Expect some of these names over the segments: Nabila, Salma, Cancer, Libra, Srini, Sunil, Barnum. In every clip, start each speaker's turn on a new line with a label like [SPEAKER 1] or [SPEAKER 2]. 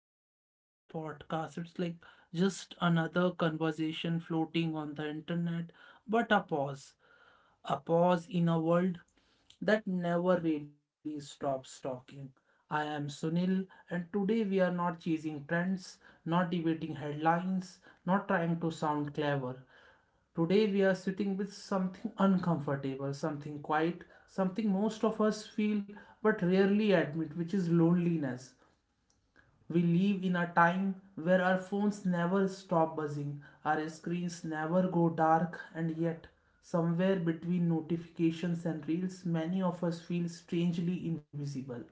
[SPEAKER 1] It's not just a podcast, it's like just another conversation floating on the internet, but a pause. A pause in a world that never really stops talking. I am Sunil, and today we are not chasing trends, not debating headlines, not trying to sound clever. Today we are sitting with something uncomfortable, something quiet, something most of us feel but rarely admit, which is loneliness. We live in a time where our phones never stop buzzing, our screens never go dark, and yet, somewhere between notifications and reels, many of us feel strangely invisible.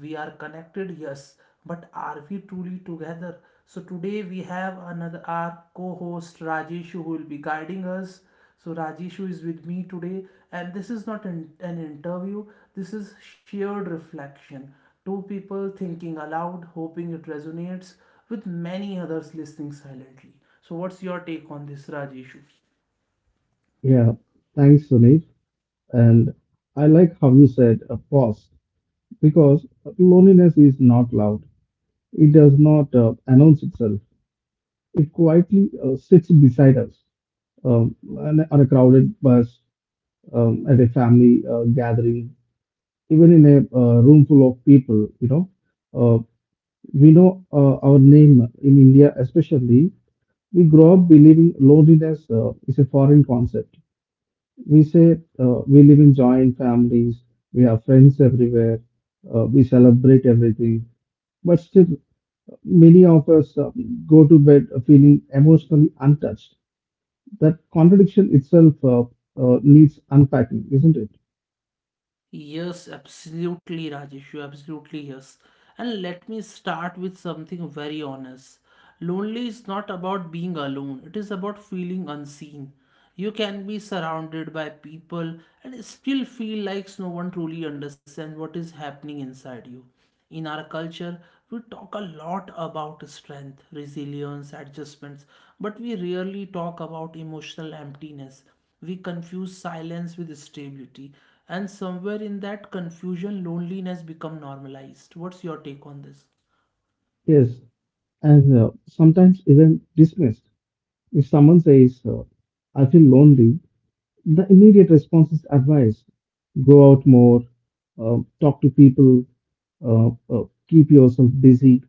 [SPEAKER 1] We are connected, yes, but are we truly together? So, today we have another our co host Rajesh who will be guiding us, so Rajeshu is with me today, and this is not an interview, this is shared reflection. Two people thinking aloud, hoping it resonates with many others listening silently. So, what's your take on this, Rajeshu?
[SPEAKER 2] Yeah, thanks, Sunil. And I like how you said a pause because loneliness is not loud. It does not announce itself. It quietly sits beside us, on a crowded bus, at a family gathering, even in a room full of people. Uh, we know our name in India, especially. We grow up believing loneliness is a foreign concept. We say, we live in joint families, we have friends everywhere, we celebrate everything, but still, many of us go to bed feeling emotionally untouched. That contradiction itself needs unpacking, isn't it?
[SPEAKER 1] Yes, absolutely, Rajesh. You absolutely yes. And let me start with something very honest. Lonely is not about being alone, it is about feeling unseen. You can be surrounded by people and still feel like no one truly understands what is happening inside you. In our culture, we talk a lot about strength, resilience, adjustments, but we rarely talk about emotional emptiness. We confuse silence with stability, and somewhere in that confusion, loneliness becomes normalized. What's your take on this?
[SPEAKER 2] Yes, and sometimes even dismissed. If someone says, I feel lonely, the immediate response is advice: go out more, talk to people, uh, uh, keep yourself busy.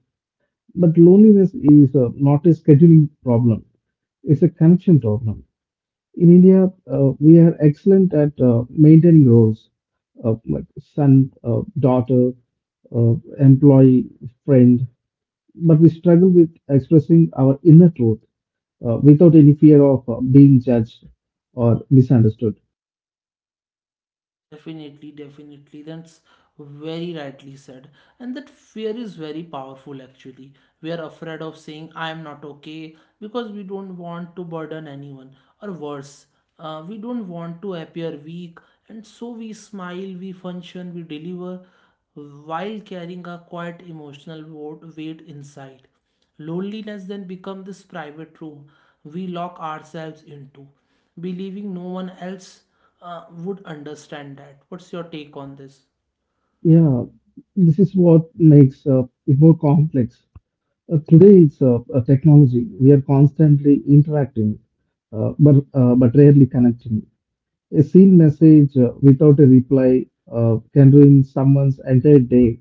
[SPEAKER 2] But loneliness is not a scheduling problem, it's a connection problem. In India, we are excellent at maintaining roles, like son, daughter, uh, employee, friend, but we struggle with expressing our inner truth without any fear of being judged or misunderstood.
[SPEAKER 1] Definitely, definitely. That's very rightly said. And that fear is very powerful actually. We are afraid of saying, I am not okay, because we don't want to burden anyone. Or worse, we don't want to appear weak. And so we smile, we function, we deliver while carrying a quite emotional weight inside. Loneliness then becomes this private room we lock ourselves into, believing no one else would understand that. What's your take on this?
[SPEAKER 2] Yeah, this is what makes it more complex. Today it's technology. We are constantly interacting, but rarely connecting. A seen message without a reply can ruin someone's entire day.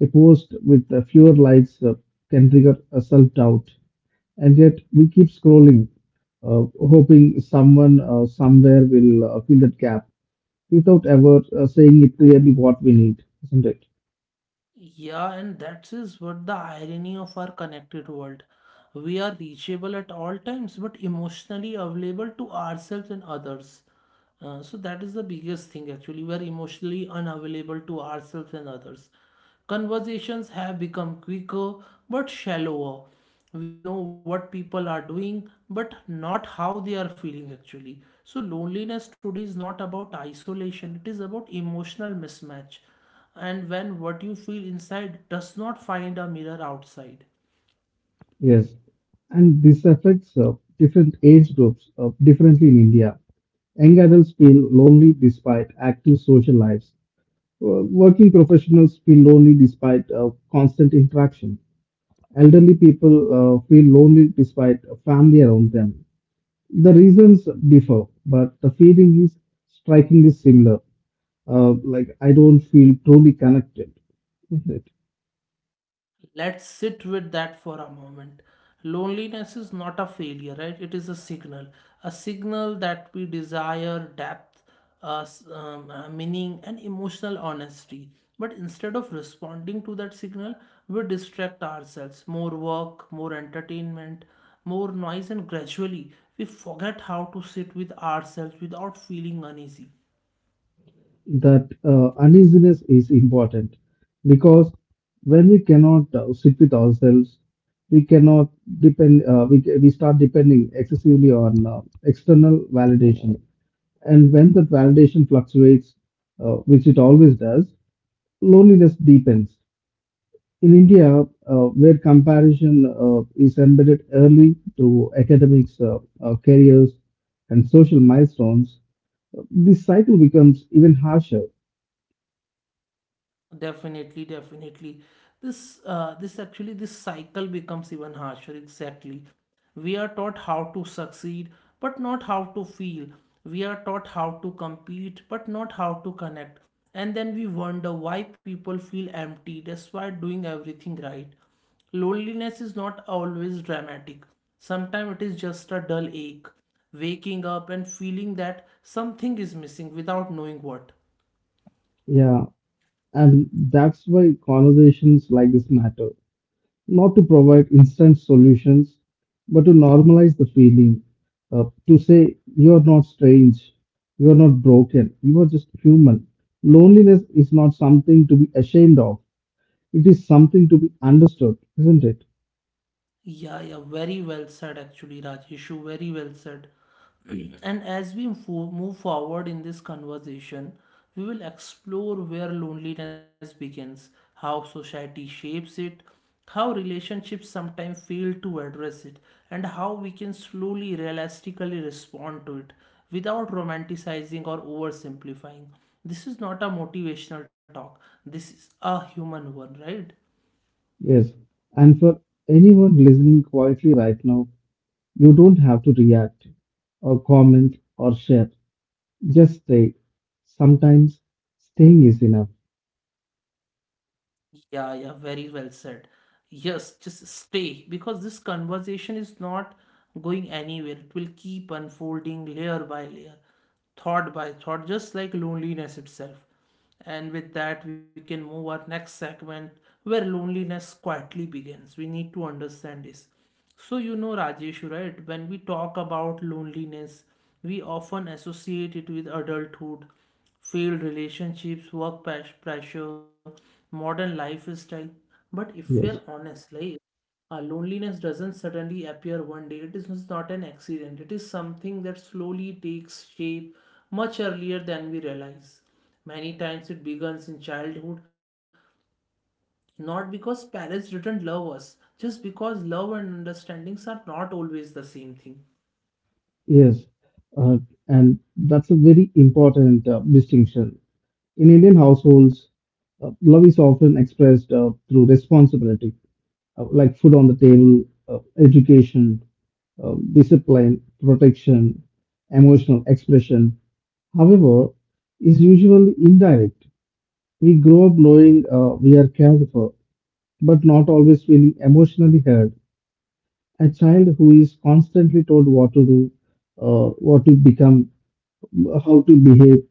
[SPEAKER 2] A post with fewer likes can trigger a self-doubt, and yet we keep scrolling, hoping someone somewhere will fill that gap without ever saying it clearly what we need, isn't it?
[SPEAKER 1] Yeah, and that is what the irony of our connected world. We are reachable at all times, but emotionally available to ourselves and others. So that is the biggest thing actually. We are emotionally unavailable to ourselves and others. Conversations have become quicker but shallower. We know what people are doing but not how they are feeling actually. So loneliness today is not about isolation, it is about emotional mismatch. And when what you feel inside does not find a mirror outside.
[SPEAKER 2] Yes, and this affects different age groups differently in India. Young adults feel lonely despite active social lives. Working professionals feel lonely despite constant interaction. Elderly people feel lonely despite a family around them. The reasons differ, but the feeling is strikingly similar. Like, I don't feel truly connected.
[SPEAKER 1] Let's sit with that for a moment. Loneliness is not a failure, right? It is a signal that we desire depth, meaning, and emotional honesty. But instead of responding to that signal, we distract ourselves. More work, more entertainment, more noise, and gradually we forget how to sit with ourselves without feeling uneasy.
[SPEAKER 2] That uneasiness is important because when we cannot sit with ourselves, we cannot depend, we start depending excessively on external validation. And when that validation fluctuates, which it always does, loneliness deepens. In India, where comparison is embedded early to academics, careers, and social milestones, this cycle becomes even harsher.
[SPEAKER 1] Definitely, definitely. This actually, this cycle becomes even harsher. Exactly. We are taught how to succeed, but not how to feel. We are taught how to compete, but not how to connect. And then we wonder why people feel empty despite doing everything right. Loneliness is not always dramatic. Sometimes it is just a dull ache, waking up and feeling that something is missing without knowing what.
[SPEAKER 2] Yeah, and that's why conversations like this matter. Not to provide instant solutions, but to normalize the feeling. To say, you're not strange, you're not broken, you are just human. Loneliness is not something to be ashamed of, it is something to be understood, isn't it?
[SPEAKER 1] Yeah, yeah, very well said, actually, Rajeshu. Very well said. And as we move forward in this conversation, we will explore where loneliness begins, how society shapes it, how relationships sometimes fail to address it, and how we can slowly, realistically respond to it without romanticizing or oversimplifying. This is not a motivational talk, this is a human one, right?
[SPEAKER 2] Yes. And for anyone listening quietly right now, you don't have to react or comment or share. Just stay. Sometimes staying is enough.
[SPEAKER 1] Yeah, yeah, very well said. Yes, just stay because this conversation is not going anywhere. It will keep unfolding layer by layer, thought by thought, just like loneliness itself. And with that, we can move our next segment where loneliness quietly begins. We need to understand this. So, you know, Rajesh, right? When we talk about loneliness, we often associate it with adulthood, failed relationships, work pressure, modern lifestyle. But if we're
[SPEAKER 2] Yes,
[SPEAKER 1] honest, like, loneliness doesn't suddenly appear one day. It is not an accident. It is something that slowly takes shape much earlier than we realize. Many times it begins in childhood, not because parents didn't love us, just because love and understandings are not always the same thing.
[SPEAKER 2] yes, uh, and that's a very important distinction. In Indian households, love is often expressed through responsibility, like food on the table, education, discipline, protection, emotional expression. However, is usually indirect. We grow up knowing we are cared for, but not always feeling emotionally heard. A child who is constantly told what to do, what to become, how to behave,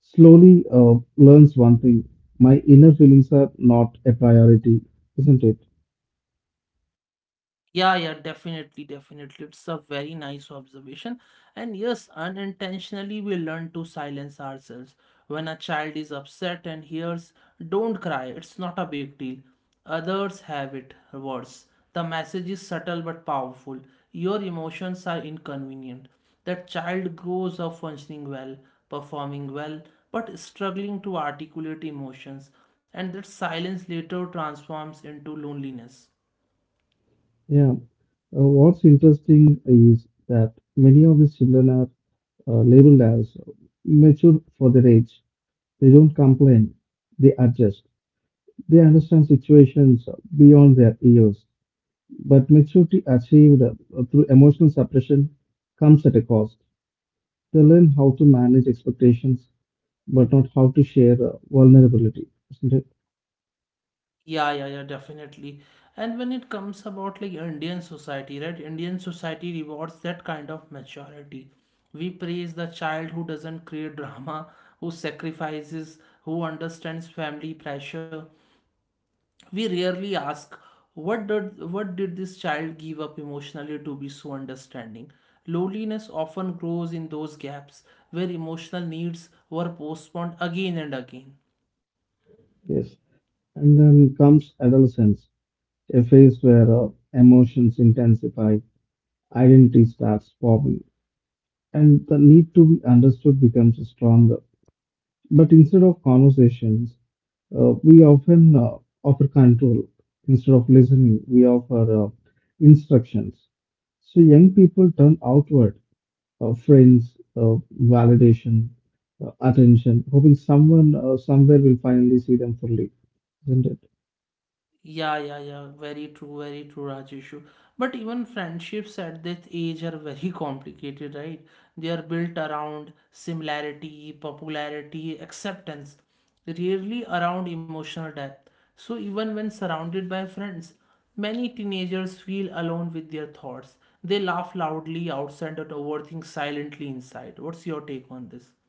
[SPEAKER 2] slowly learns one thing. My inner feelings are not a priority, isn't it?
[SPEAKER 1] Yeah, yeah, definitely, definitely. It's a very nice observation. And yes, unintentionally, we learn to silence ourselves. When a child is upset and hears, don't cry, it's not a big deal. Others have it worse. The message is subtle but powerful. Your emotions are inconvenient. That child grows up functioning well, performing well, but struggling to articulate emotions, and that silence later transforms into loneliness.
[SPEAKER 2] Yeah. What's interesting is that many of these children are labeled as mature for their age. They don't complain, they adjust. They understand situations beyond their years. But maturity achieved through emotional suppression comes at a cost. They learn how to manage expectations but not how to share vulnerability, isn't it?
[SPEAKER 1] Yeah, yeah, yeah, definitely. And when it comes about like Indian society, right? Indian society rewards that kind of maturity. We praise the child who doesn't create drama, who sacrifices, who understands family pressure. We rarely ask, what did this child give up emotionally to be so understanding? Loneliness often grows in those gaps where emotional needs were postponed again and again.
[SPEAKER 2] Yes. And then comes adolescence, a phase where emotions intensify, identity starts forming, and the need to be understood becomes stronger. But instead of conversations, we often offer control. Instead of listening, we offer instructions. So young people turn outward, friends, validation, attention, hoping someone somewhere will finally see them fully, isn't it?
[SPEAKER 1] Yeah, yeah, yeah. Very true, Rajeshu. But even friendships at this age are very complicated, right? They are built around similarity, popularity, acceptance, rarely around emotional depth. So even when surrounded by friends, many teenagers feel alone with their thoughts. They laugh loudly outside and overthink silently inside. What's your take on this?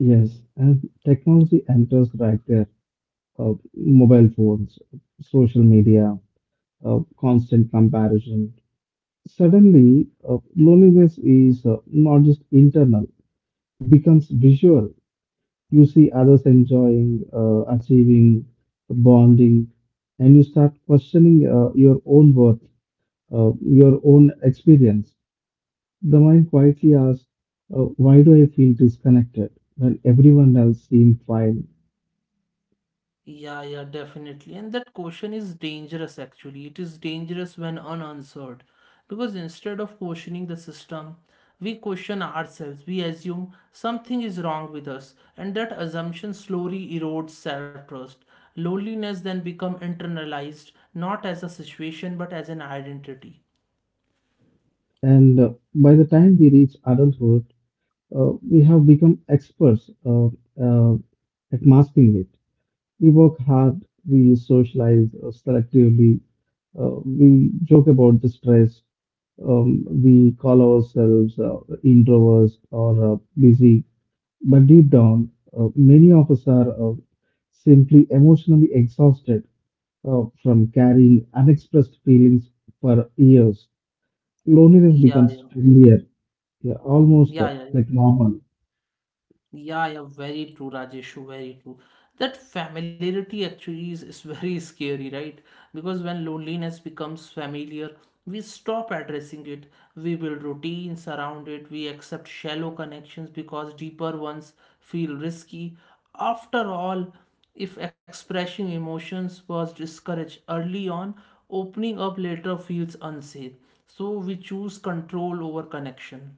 [SPEAKER 2] Yes, and technology enters right there. Mobile phones, social media, constant comparison. Suddenly, loneliness is not just internal, becomes visual. You see others enjoying, achieving, bonding, and you start questioning your own worth, your own experience. The mind quietly asks, why do I feel disconnected when everyone else seems fine?
[SPEAKER 1] Yeah, yeah, definitely. And that question is dangerous actually. It is dangerous when unanswered. Because instead of questioning the system, we question ourselves. We assume something is wrong with us, and that assumption slowly erodes self-trust. Loneliness then become internalized, not as a situation, but as an identity.
[SPEAKER 2] And by the time we reach adulthood, we have become experts uh, at masking it. We work hard, we socialize selectively, we joke about the stress, we call ourselves introverts or busy. But deep down, many of us are simply emotionally exhausted from carrying unexpressed feelings for years. Loneliness
[SPEAKER 1] Yeah,
[SPEAKER 2] becomes
[SPEAKER 1] yeah.
[SPEAKER 2] familiar, yeah, almost
[SPEAKER 1] Yeah, yeah, yeah.
[SPEAKER 2] like normal.
[SPEAKER 1] Yeah, yeah, very true, Rajeshu, very true. That familiarity actually is very scary, right? Because when loneliness becomes familiar, we stop addressing it. We build routines around it. We accept shallow connections because deeper ones feel risky. After all, if expressing emotions was discouraged early on, opening up later feels unsafe. So we choose control over connection.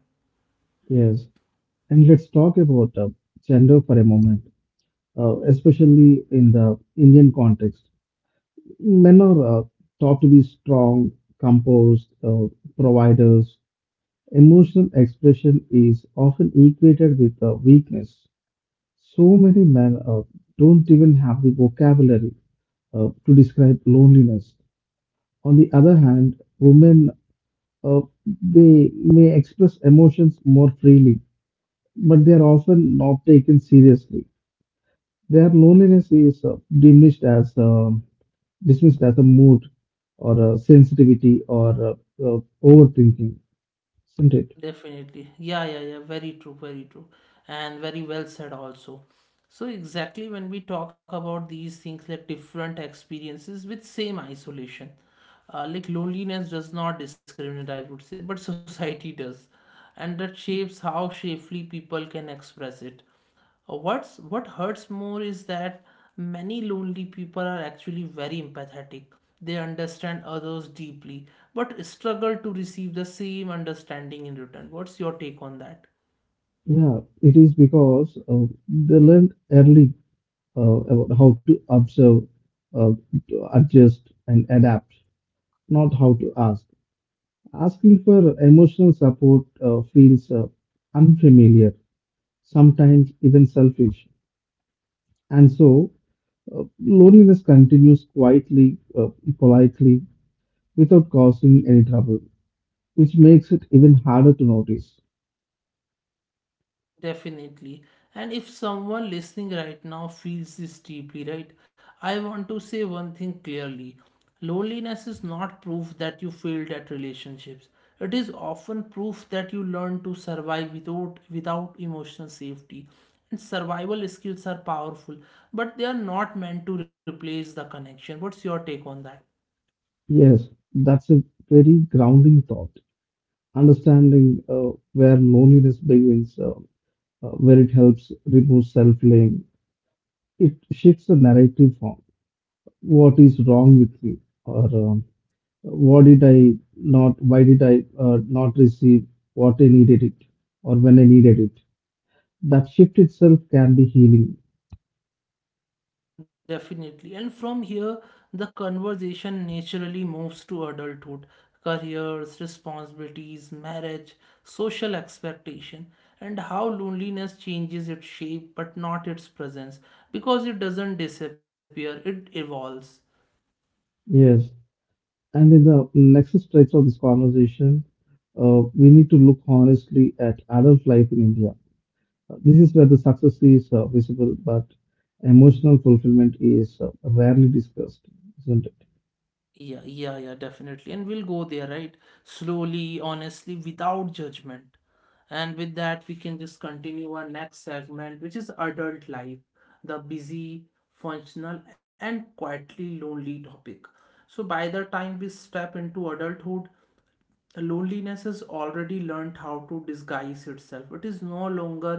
[SPEAKER 2] Yes. And let's talk about gender for a moment, especially in the Indian context. Men are taught to be strong, composed, providers. Emotional expression is often equated with weakness. So many men don't even have the vocabulary to describe loneliness. On the other hand, women, uh, they may express emotions more freely, but they are often not taken seriously. Their loneliness is diminished as dismissed as a mood or a sensitivity or overthinking, isn't it?
[SPEAKER 1] Definitely. Yeah, yeah, yeah. Very true, very true. And very well said also. So exactly when we talk about these things like different experiences with same isolation, like loneliness does not discriminate, I would say, but society does. And that shapes how shapely people can express it. What hurts more is that many lonely people are actually very empathetic. They understand others deeply, but struggle to receive the same understanding in return. What's your take on that?
[SPEAKER 2] Yeah, it is because they learned early about how to observe, uh, to adjust, and adapt, not how to ask. Asking for emotional support feels unfamiliar, sometimes even selfish. And so, loneliness continues quietly, politely, without causing any trouble, which makes it even harder to notice.
[SPEAKER 1] Definitely. And if someone listening right now feels this deeply, right, I want to say one thing clearly. Loneliness is not proof that you failed at relationships. It is often proof that you learned to survive without emotional safety. And survival skills are powerful, but they are not meant to replace the connection. What's your take on that?
[SPEAKER 2] Yes, that's a very grounding thought. Understanding where loneliness begins, where it helps remove self blame. It shifts the narrative from what is wrong with me or what did I not, why did I not receive what I needed it or when I needed it. That shift itself can be healing.
[SPEAKER 1] Definitely. And from here, the conversation naturally moves to adulthood, careers, responsibilities, marriage, social expectation, and how loneliness changes its shape but not its presence because it doesn't disappear, it evolves.
[SPEAKER 2] Yes. And in the next stretch of this conversation, we need to look honestly at adult life in India. This is where the success is visible, but emotional fulfillment is rarely discussed, isn't it?
[SPEAKER 1] Yeah, yeah, yeah, definitely. And we'll go there, right? Slowly, honestly, without judgment. And with that, we can just continue our next segment, which is adult life, the busy, functional, and quietly lonely topic. So, by the time we step into adulthood, loneliness has already learned how to disguise itself. It is no longer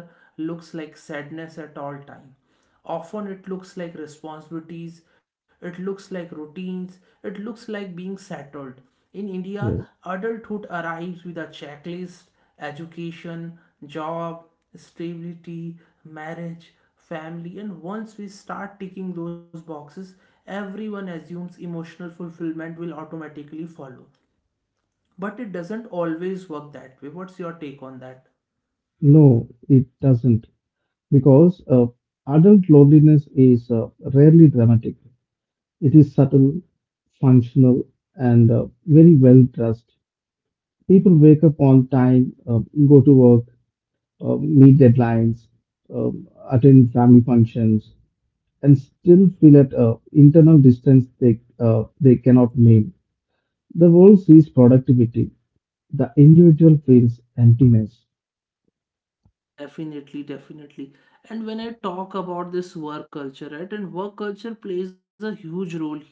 [SPEAKER 1] looks like sadness at all time, often it looks like responsibilities, it looks like routines, it looks like being settled in India.
[SPEAKER 2] Yes.
[SPEAKER 1] Adulthood arrives with a checklist: education, job stability, marriage, family. And once we start ticking those boxes, everyone assumes emotional fulfillment will automatically follow, but it doesn't always work that way. What's your take on that?
[SPEAKER 2] No, it doesn't, because adult loneliness is rarely dramatic. It is subtle, functional, and very well dressed. People wake up on time, go to work, meet deadlines, attend family functions, and still feel at internal distance they cannot name. The world sees productivity, the individual feels emptiness.
[SPEAKER 1] Definitely, definitely. And when I talk about this work culture, right, and work culture plays a huge role here.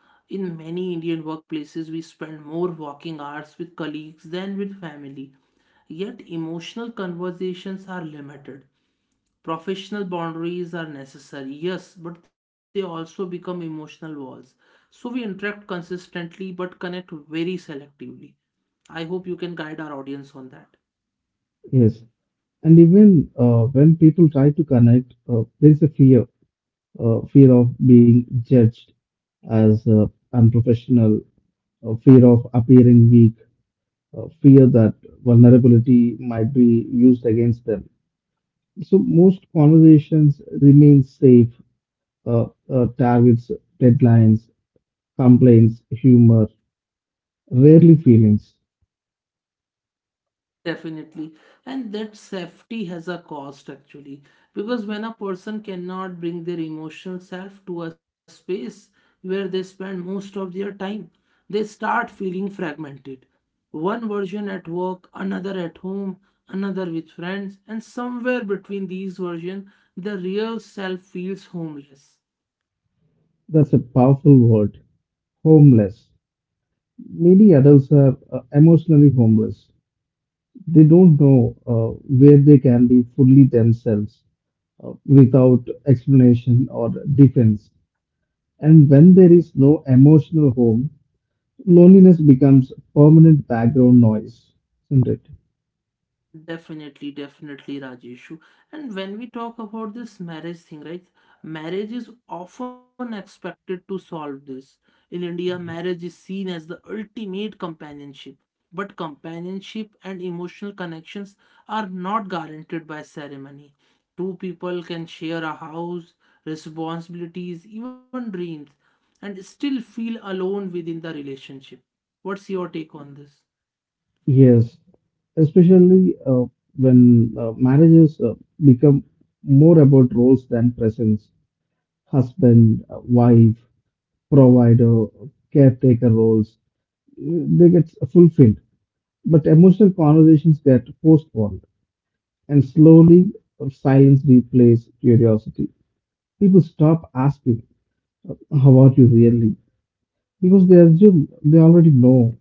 [SPEAKER 1] In many Indian workplaces, we spend more working hours with colleagues than with family. Yet, emotional conversations are limited. Professional boundaries are necessary, yes, but they also become emotional walls. So, we interact consistently but connect very selectively. I hope you can guide our audience on that.
[SPEAKER 2] Yes. And even when people try to connect, there is a fear, fear of being judged as unprofessional, fear of appearing weak, fear that vulnerability might be used against them. So most conversations remain safe, uh, targets, deadlines, complaints, humor, rarely feelings.
[SPEAKER 1] Definitely. And that safety has a cost actually. Because when a person cannot bring their emotional self to a space where they spend most of their time, they start feeling fragmented. One version at work, another at home, another with friends, and somewhere between these versions, the real self feels homeless.
[SPEAKER 2] That's a powerful word. Homeless. Many adults are emotionally homeless. They don't know where they can be fully themselves without explanation or defense. And when there is no emotional home, loneliness becomes permanent background noise, isn't it?
[SPEAKER 1] Definitely, definitely, Rajeshu. And when we talk about this marriage thing, right? Marriage is often expected to solve this. In India, marriage is seen as the ultimate companionship. But companionship and emotional connections are not guaranteed by ceremony. Two people can share a house, responsibilities, even dreams, and still feel alone within the relationship. What's your take on this?
[SPEAKER 2] Yes, especially when marriages become more about roles than presence: husband, wife, provider, caretaker roles. They get fulfilled, but emotional conversations get postponed. And slowly, silence replaces curiosity. People stop asking, "Uh, How are you really?" Because they assume they already know.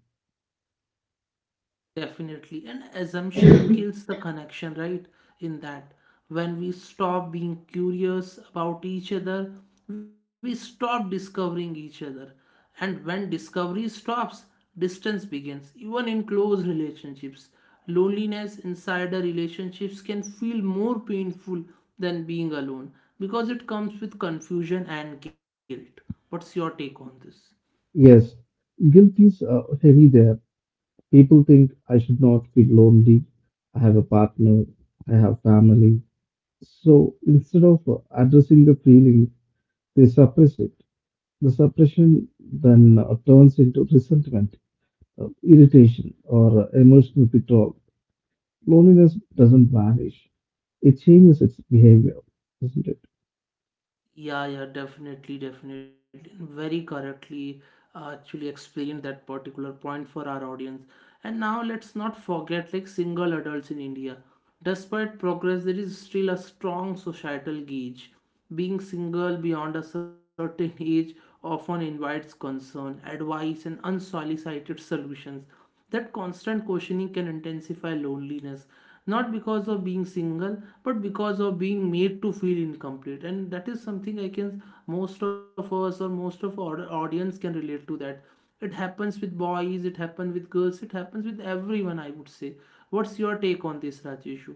[SPEAKER 1] Definitely. And assumption kills the connection, right? In that, when we stop being curious about each other, we stop discovering each other. And when discovery stops, distance begins. Even in close relationships, loneliness inside a relationships can feel more painful than being alone because it comes with confusion and guilt. What's your take on this?
[SPEAKER 2] Yes, guilt is heavy there. People think I should not feel lonely. I have a partner. I have family. So instead of addressing the feeling, they suppress it. The suppression then turns into resentment, irritation, or emotional withdrawal. Loneliness doesn't vanish, it changes its behavior, isn't it?
[SPEAKER 1] Yeah, yeah, definitely, definitely. Very correctly actually explained that particular point for our audience. And now let's not forget like single adults in India. Despite progress, there is still a strong societal gauge. Being single beyond a certain age often invites concern, advice, and unsolicited solutions. That constant questioning can intensify loneliness, not because of being single, but because of being made to feel incomplete. And that is something I can, most of us or most of our audience can relate to that. It happens with boys, it happens with girls, it happens with everyone, I would say. What's your take on this, Rajeshu?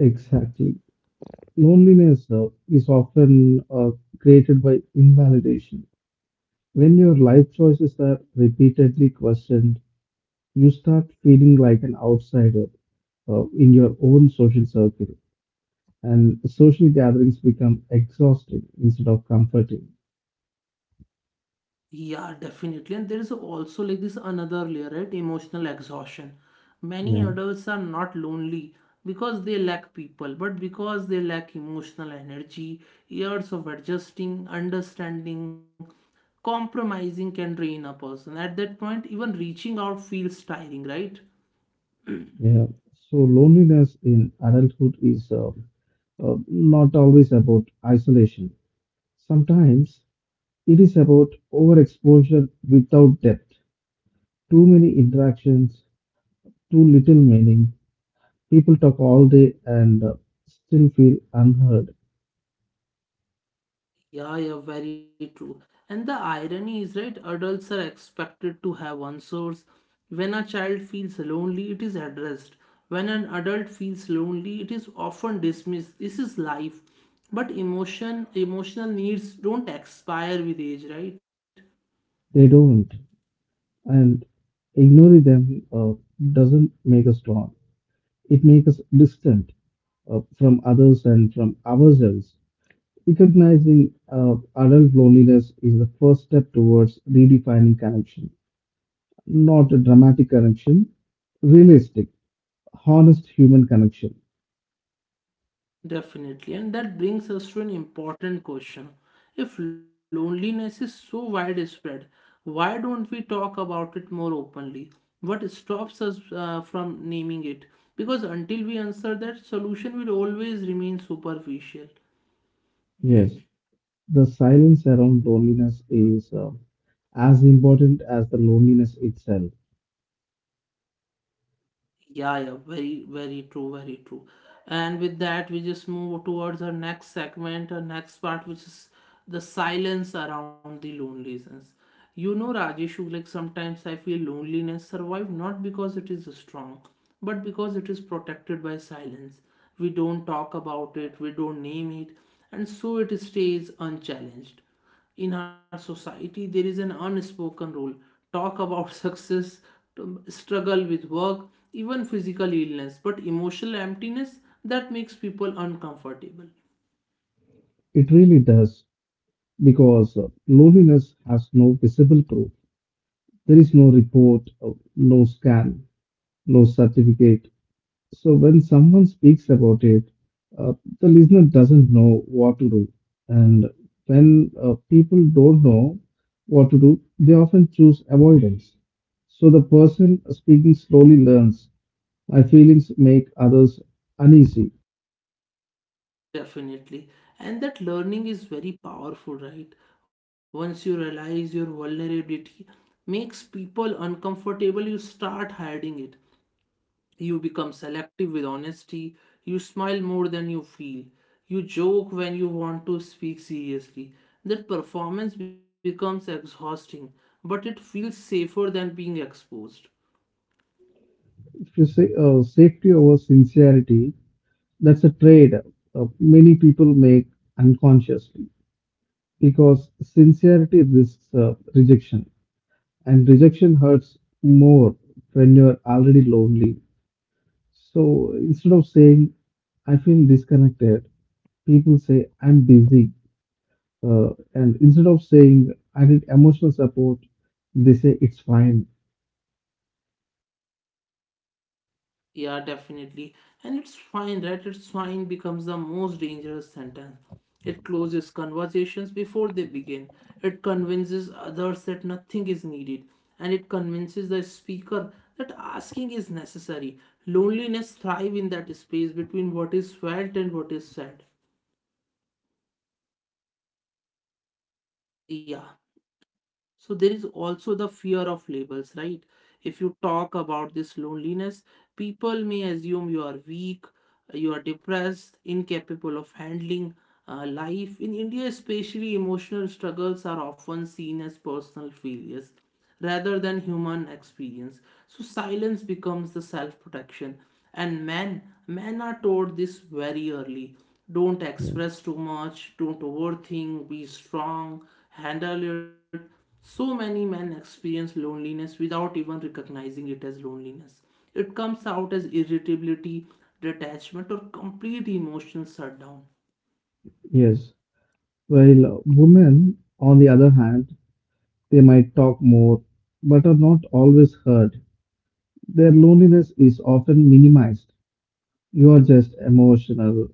[SPEAKER 2] Exactly. Loneliness is often created by invalidation. When your life choices are repeatedly questioned, you start feeling like an outsider in your own social circle, and social gatherings become exhausting instead of comforting.
[SPEAKER 1] Yeah, definitely. And there is also like this another layer, right? Emotional exhaustion. Many
[SPEAKER 2] Yeah,
[SPEAKER 1] adults are not lonely because they lack people, but because they lack emotional energy, years of adjusting, understanding, compromising can drain a person. At that point, even reaching out feels tiring, right?
[SPEAKER 2] yeah. So loneliness in adulthood is not always about isolation. Sometimes it is about overexposure without depth. Too many interactions, too little meaning. People talk all day and still feel unheard.
[SPEAKER 1] Yeah, yeah, very true. And the irony is, right, adults are expected to have one source. When a child feels lonely, it is addressed. When an adult feels lonely, it is often dismissed. This is life. But emotion, emotional needs don't expire with age, right?
[SPEAKER 2] They don't. And ignoring them doesn't make us strong. It makes us distant from others and from ourselves. Recognizing adult loneliness is the first step towards redefining connection. Not a dramatic connection, realistic, honest human connection.
[SPEAKER 1] Definitely, and that brings us to an important question. If loneliness is so widespread, why don't we talk about it more openly? What stops us from naming it? Because until we answer that, solution will always remain superficial.
[SPEAKER 2] Yes, the silence around loneliness is as important as the loneliness itself.
[SPEAKER 1] Yeah, yeah, very, very true, very true. And with that, we just move towards our next segment, our next part, which is the silence around the loneliness. You know, Rajesh, like sometimes I feel loneliness survive not because it is strong, but because it is protected by silence. We don't talk about it, we don't name it, and so it stays unchallenged in our society there is an unspoken rule talk about success. Struggle with work even physical illness but emotional emptiness that makes people uncomfortable.
[SPEAKER 2] It really does because loneliness has no visible proof. There is no report, no scan, no certificate. So when someone speaks about it, uh, the listener doesn't know what to do. And when people don't know what to do, they often choose avoidance. So the person speaking slowly learns, my feelings make others uneasy.
[SPEAKER 1] Definitely, and that learning is very powerful, right? Once you realize your vulnerability makes people uncomfortable you start hiding it. You become selective with honesty. You smile more than you feel. You joke when you want to speak seriously. That performance becomes exhausting, but it feels safer than being exposed.
[SPEAKER 2] If you say safety over sincerity, that's a trade many people make unconsciously because sincerity risks rejection, and rejection hurts more when you're already lonely. So instead of saying, I feel disconnected, people say, I'm busy. And instead of saying, I need emotional support, they say, it's fine.
[SPEAKER 1] Yeah, definitely. And it's fine, right? It's fine becomes the most dangerous sentence. It closes conversations before they begin. It convinces others that nothing is needed. And it convinces the speaker that asking is necessary. Loneliness thrives in that space between what is felt and what is said. Yeah. So there is also the fear of labels, right? If you talk about this loneliness, people may assume you are weak, you are depressed, incapable of handling life. In India, especially, emotional struggles are often seen as personal failures rather than human experience. So silence becomes the self-protection. And men, men are taught this very early. Don't
[SPEAKER 2] Yeah.
[SPEAKER 1] express too much, don't overthink, be strong, handle it. So many men experience loneliness without even recognizing it as loneliness. It comes out as irritability, detachment, or complete emotional shutdown.
[SPEAKER 2] Yes. While women, on the other hand, they might talk more but are not always heard. Their loneliness is often minimized. You are just emotional,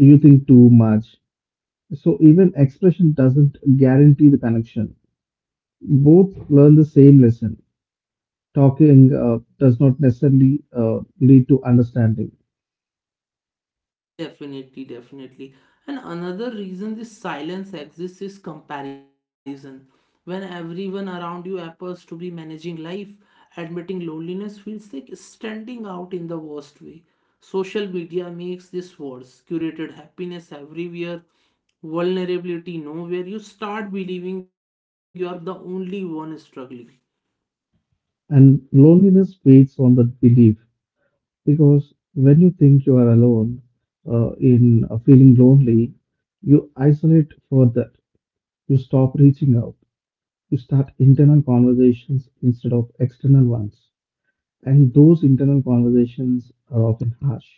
[SPEAKER 2] you think too much. So, even expression doesn't guarantee the connection. Both learn the same lesson. Talking does not necessarily lead to understanding,
[SPEAKER 1] Definitely, definitely. And another reason this silence exists is comparison. When everyone around you appears to be managing life, admitting loneliness feels like standing out in the worst way. Social media makes this worse. Curated happiness everywhere, vulnerability nowhere. You start believing you are the only one struggling.
[SPEAKER 2] and loneliness waits on the belief. Because when you think you are alone, in feeling lonely, you isolate further. You stop reaching out. You start internal conversations instead of external ones, and those internal conversations are often harsh.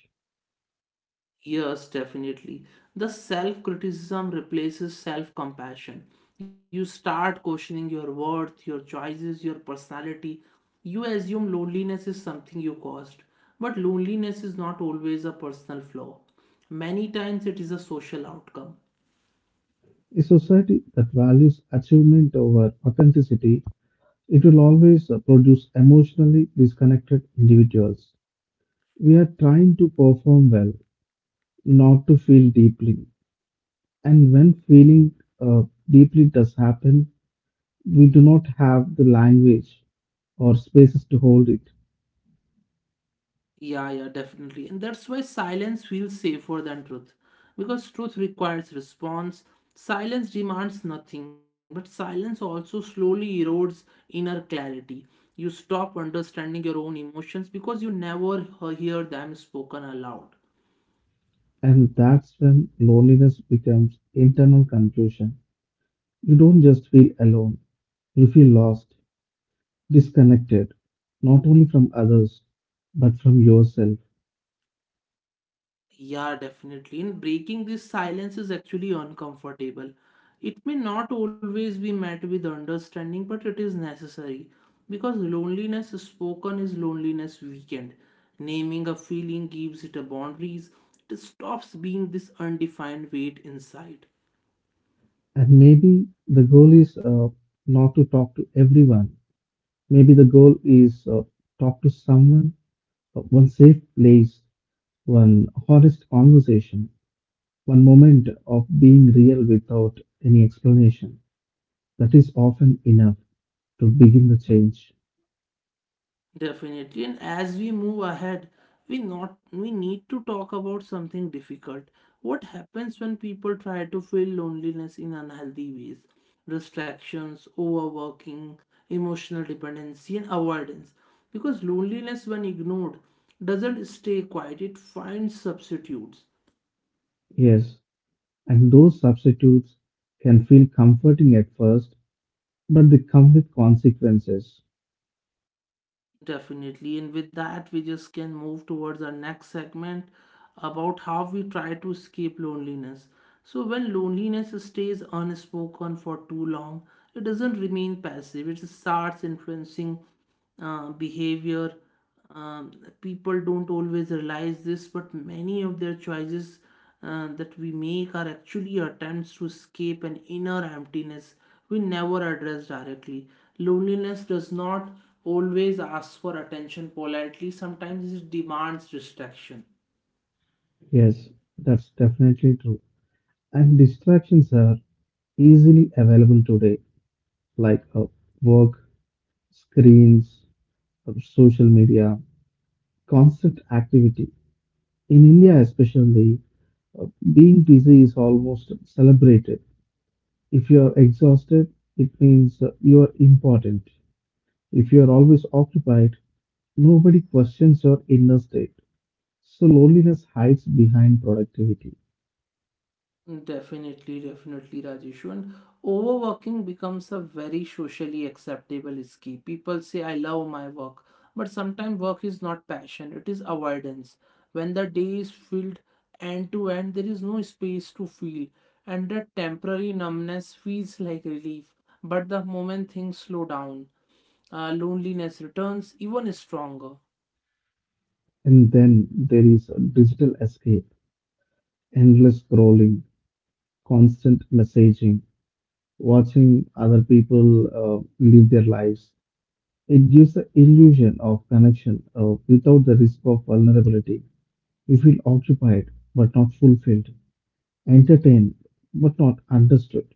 [SPEAKER 1] Yes, definitely. The self criticism replaces self compassion. You start questioning your worth, your choices, your personality. You assume loneliness is something you caused. But loneliness is not always a personal flaw. Many times it is a social outcome.
[SPEAKER 2] A society that values achievement over authenticity, it will always produce emotionally disconnected individuals. We are trying to perform well, not to feel deeply. And when feeling, uh, deeply does happen, we do not have the language or spaces to hold it.
[SPEAKER 1] Yeah, yeah, definitely. And that's why silence feels safer than truth. Because truth requires response. Silence demands nothing, but silence also slowly erodes inner clarity. You stop understanding your own emotions because you never hear them spoken aloud.
[SPEAKER 2] And that's when loneliness becomes internal confusion. You don't just feel alone, you feel lost, disconnected, not only from others, but from yourself.
[SPEAKER 1] Yeah, definitely. And breaking this silence is actually uncomfortable. It may not always be met with understanding, but it is necessary because loneliness spoken is loneliness weakened. Naming a feeling gives it a boundaries. It stops being this undefined weight inside.
[SPEAKER 2] And maybe the goal is not to talk to everyone. Maybe the goal is talk to someone, one safe place, one honest conversation. One moment of being real without any explanation. That is often enough to begin the change.
[SPEAKER 1] Definitely. And as we move ahead, we not we need to talk about something difficult. What happens when people try to fill loneliness in unhealthy ways? Distractions, overworking, emotional dependency, and avoidance. Because loneliness, when ignored, doesn't stay quiet, it finds substitutes.
[SPEAKER 2] Yes, and those substitutes can feel comforting at first, but they come with consequences.
[SPEAKER 1] Definitely. And with that, we just can move towards our next segment about how we try to escape loneliness. So, when loneliness stays unspoken for too long, it doesn't remain passive, it starts influencing behavior. Um, People don't always realize this, but many of their choices that we make are actually attempts to escape an inner emptiness we never address directly. Loneliness does not always ask for attention politely, sometimes it demands distraction.
[SPEAKER 2] Yes, that's definitely true. And distractions are easily available today, like work, screens, social media, constant activity. In India, especially, uh, being busy is almost celebrated. If you're exhausted, it means you're important. If you're always occupied, nobody questions your inner state. So loneliness hides behind productivity.
[SPEAKER 1] Definitely, definitely, Rajeshu. And overworking becomes a very socially acceptable skill. People say, I love my work. But sometimes work is not passion, it is avoidance. When the day is filled end to end, there is no space to feel, and that temporary numbness feels like relief. But the moment things slow down, loneliness returns even stronger.
[SPEAKER 2] And then there is a digital escape, endless scrolling, constant messaging, watching other people live their lives. It gives the illusion of connection without the risk of vulnerability. You feel occupied but not fulfilled, entertained but not understood.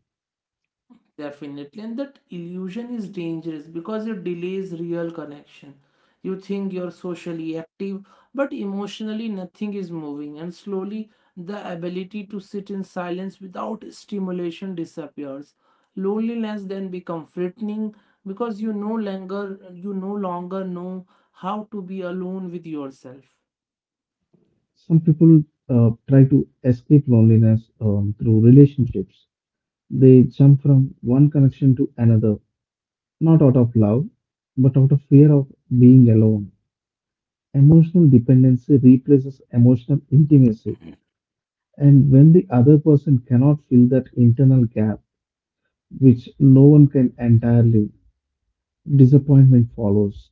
[SPEAKER 1] Definitely, and that illusion is dangerous because it delays real connection. You think you're socially active, but emotionally nothing is moving, and slowly the ability to sit in silence without stimulation disappears. Loneliness then becomes threatening because you no longer know how to be alone with yourself.
[SPEAKER 2] Some people try to escape loneliness through relationships. They jump from one connection to another, not out of love, but out of fear of being alone. Emotional dependency replaces emotional intimacy. And when the other person cannot fill that internal gap, which no one can entirely, disappointment follows.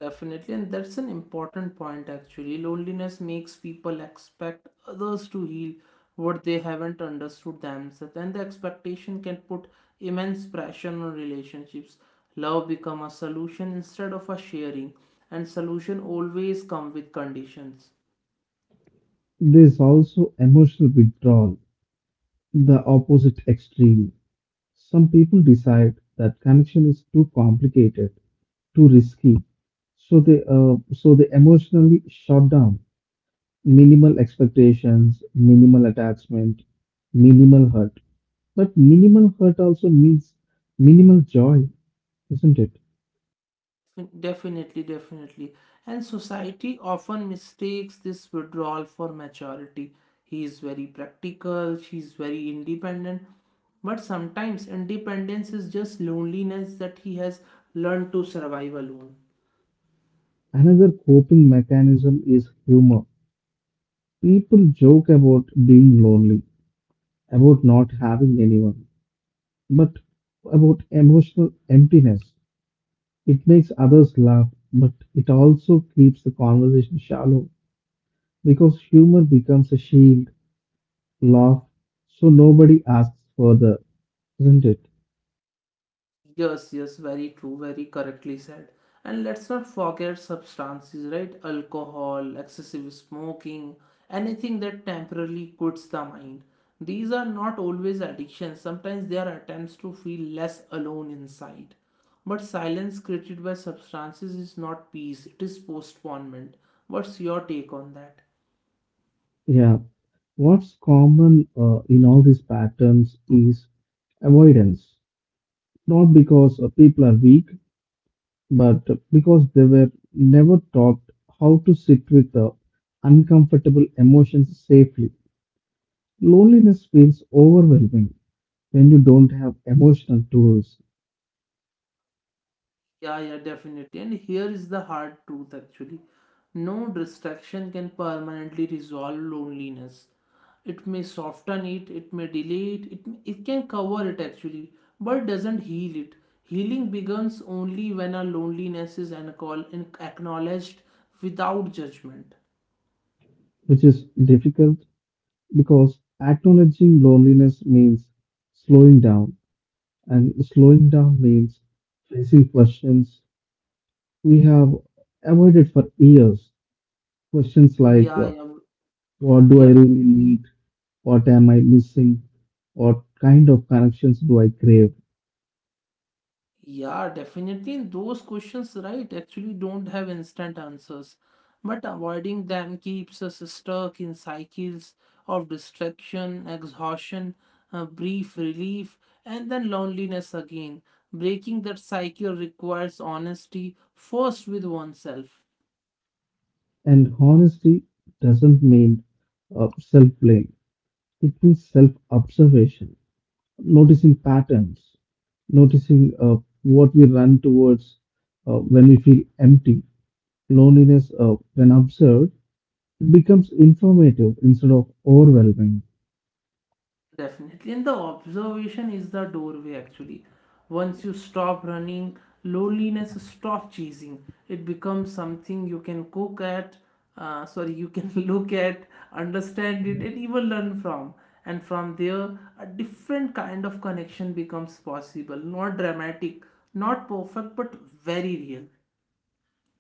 [SPEAKER 1] Definitely, and that's an important point actually. Loneliness makes people expect others to heal what they haven't understood themselves, and the expectation can put immense pressure on relationships. Love become a solution instead of a sharing, and solution always come with conditions.
[SPEAKER 2] There's also emotional withdrawal, the opposite extreme. Some people decide that connection is too complicated, too risky, so they emotionally shut down. Minimal expectations, minimal attachment, minimal hurt. But minimal hurt also means minimal joy, isn't it?
[SPEAKER 1] Definitely, definitely. And society often mistakes this withdrawal for maturity. He is very practical, she is very independent. But sometimes independence is just loneliness that he has learned to survive alone.
[SPEAKER 2] Another coping mechanism is humor. People joke about being lonely, about not having anyone, but about emotional emptiness. It makes others laugh, but it also keeps the conversation shallow because humor becomes a shield, laugh, so nobody asks further, isn't it?
[SPEAKER 1] Yes, yes, very true, very correctly said. And let's not forget substances, right? Alcohol, excessive smoking, anything that temporarily quits the mind. These are not always addictions, sometimes they are attempts to feel less alone inside. But silence created by substances is not peace, it is postponement. What's your take on that?
[SPEAKER 2] Yeah. What's common in all these patterns is avoidance, not because people are weak, but because they were never taught how to sit with uncomfortable emotions safely. Loneliness feels overwhelming when you don't have emotional tools,
[SPEAKER 1] Yeah, yeah, definitely. And here is the hard truth actually. No distraction can permanently resolve loneliness. It may soften it, it may delay it, it can cover it actually, but doesn't heal it. Healing begins only when our loneliness is acknowledged without judgment.
[SPEAKER 2] which is difficult because acknowledging loneliness means slowing down, and slowing down means facing questions we have avoided for years. Questions like,
[SPEAKER 1] Yeah, yeah,
[SPEAKER 2] what do I
[SPEAKER 1] yeah.
[SPEAKER 2] really need? What am I missing? What kind of connections do I crave?
[SPEAKER 1] Yeah, definitely. And those questions, right, actually don't have instant answers. But avoiding them keeps us stuck in cycles of distraction, exhaustion, brief relief, and then loneliness again. Breaking that cycle requires honesty, first with oneself.
[SPEAKER 2] And honesty doesn't mean self blame, it means self observation. Noticing patterns, noticing what we run towards when we feel empty. Loneliness, when observed, it becomes informative instead of overwhelming,
[SPEAKER 1] Definitely. And the observation is the doorway actually. Once you stop running, loneliness stop chasing. It becomes something you can cook at, sorry, you can look at, understand it, and even learn from. And from there, a different kind of connection becomes possible. Not dramatic, not perfect, but very real.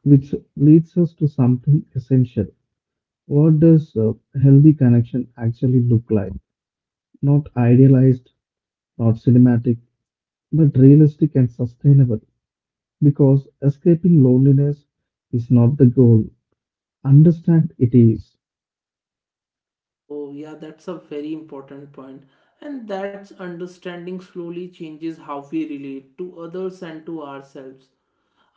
[SPEAKER 2] which leads us to something essential. What does healthy connection actually look like? Not idealized, not cinematic, but realistic and sustainable. Because escaping loneliness is not the goal. Understand it is.
[SPEAKER 1] Oh, yeah, that's a very important point. And that's understanding slowly changes how we relate to others and to ourselves.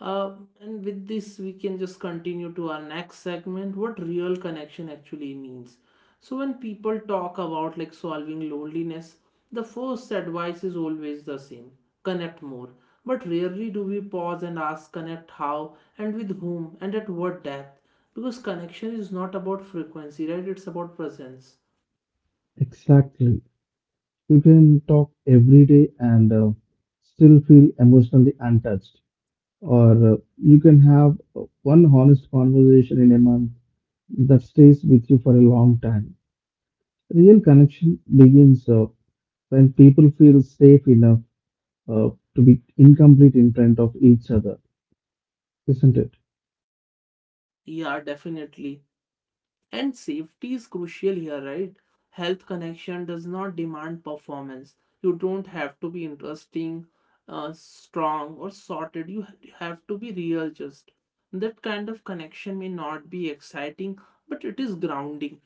[SPEAKER 1] Uh, and with this, we can just continue to our next segment what real connection actually means. So, when people talk about like solving loneliness, the first advice is always the same connect more. But rarely do we pause and ask connect how and with whom and at what depth because connection is not about frequency, right? It's about presence.
[SPEAKER 2] Exactly. You can talk every day and still feel emotionally untouched. Or you can have one honest conversation in a month that stays with you for a long time. Real connection begins when people feel safe enough uh, to be incomplete in front of each other, isn't it?
[SPEAKER 1] Yeah, definitely. And safety is crucial here, right? Health connection does not demand performance. You don't have to be interesting, strong, or sorted. You have to be real, just. That kind of connection may not be exciting, but it is grounding.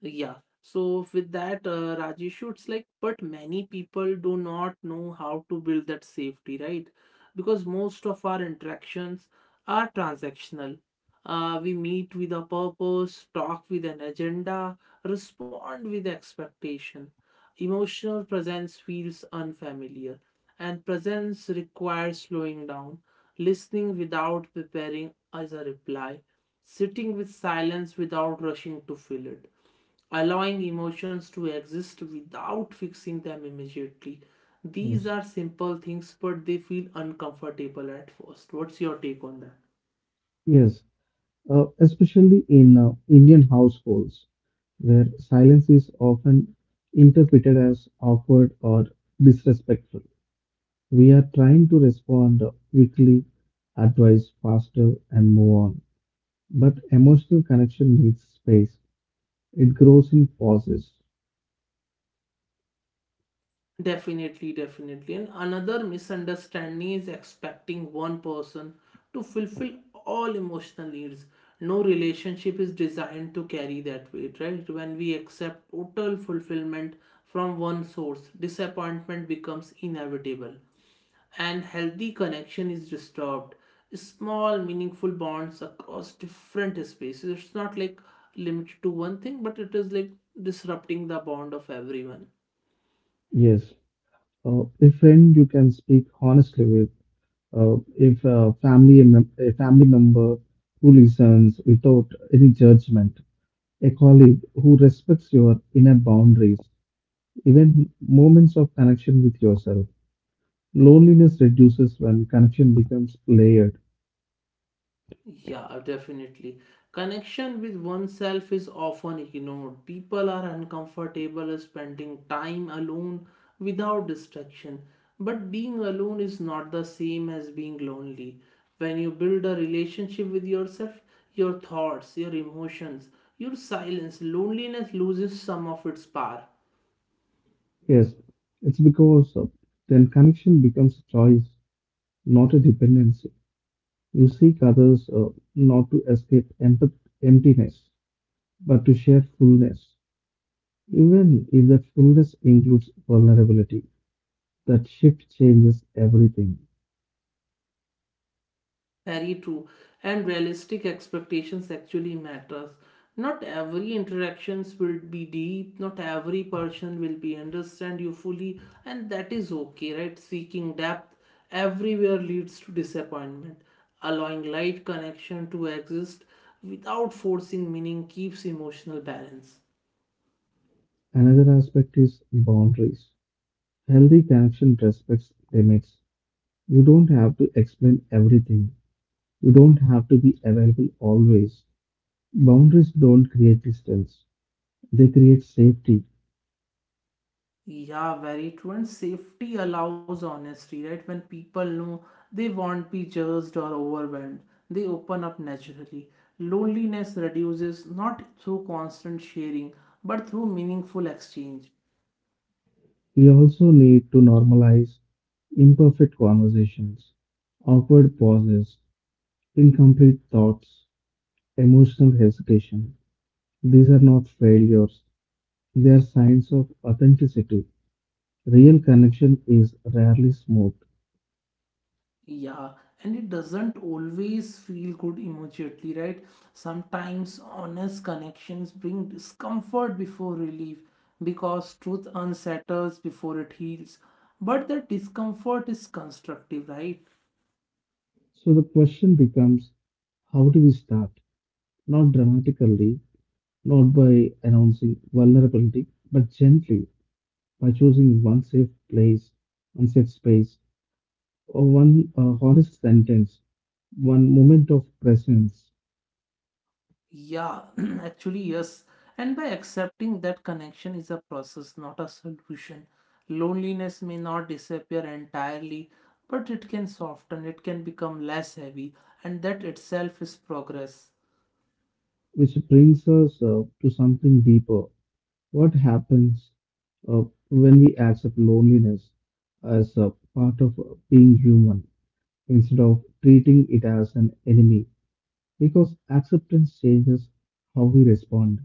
[SPEAKER 1] Yeah. So with that, Rajesh, it's like, but many people do not know how to build that safety, right? Because most of our interactions are transactional. We meet with a purpose, talk with an agenda, respond with expectation. Emotional presence feels unfamiliar, and presence requires slowing down, listening without preparing as a reply, sitting with silence without rushing to fill it allowing emotions to exist without fixing them immediately. These
[SPEAKER 2] Yes.
[SPEAKER 1] are simple things, but they feel uncomfortable at first. What's your take on that?
[SPEAKER 2] Yes, especially in Indian households where silence is often interpreted as awkward or disrespectful. We are trying to respond quickly, advise faster, and move on. But emotional connection needs space. It grows in pauses.
[SPEAKER 1] Definitely, definitely. And another misunderstanding is expecting one person to fulfill all emotional needs. No relationship is designed to carry that weight, right? When we accept total fulfillment from one source, disappointment becomes inevitable. And healthy connection is disturbed small meaningful bonds across different spaces it's not like limited to one thing but it is like disrupting the bond of everyone.
[SPEAKER 2] Yes, a friend you can speak honestly with. If a family member who listens without any judgment, a colleague who respects your inner boundaries, even moments of connection with yourself. Loneliness reduces when connection becomes layered.
[SPEAKER 1] Yeah, definitely. Connection with oneself is often ignored. People are uncomfortable spending time alone without distraction. But being alone is not the same as being lonely. When you build a relationship with yourself, your thoughts, your emotions, your silence, loneliness loses some of its power.
[SPEAKER 2] Yes, it's because then connection becomes a choice, not a dependency. You seek others not to escape emptiness, but to share fullness, even if that fullness includes vulnerability. That shift changes everything.
[SPEAKER 1] Very true. And realistic expectations actually matters. Not every interactions will be deep, not every person will be understand you fully, and that is okay, right? Seeking depth everywhere leads to disappointment. Allowing light connection to exist without forcing meaning keeps emotional balance.
[SPEAKER 2] Another aspect is boundaries. Healthy connection respects limits. You don't have to explain everything. You don't have to be available always. Boundaries don't create distance. They create safety.
[SPEAKER 1] Yeah, very true. And safety allows honesty, right? When people know they won't be judged or overwhelmed, they open up naturally. Loneliness reduces not through constant sharing, but through meaningful exchange.
[SPEAKER 2] We also need to normalize imperfect conversations, awkward pauses, incomplete thoughts, emotional hesitation. These are not failures, they are signs of authenticity. Real connection is rarely smooth.
[SPEAKER 1] Yeah, and it doesn't always feel good immediately, right? Sometimes honest connections bring discomfort before relief because truth unsettles before it heals. But that discomfort is constructive, right?
[SPEAKER 2] So the question becomes, how do we start? Not dramatically, not by announcing vulnerability, but gently, by choosing one safe place, one safe space, one honest sentence, one moment of presence,
[SPEAKER 1] Yeah, actually, yes. And by accepting that connection is a process, not a solution. Loneliness may not disappear entirely, but it can soften, it can become less heavy, and that itself is progress.
[SPEAKER 2] which brings us to something deeper. What happens uh, when we accept loneliness as a part of being human instead of treating it as an enemy? Because acceptance changes how we respond.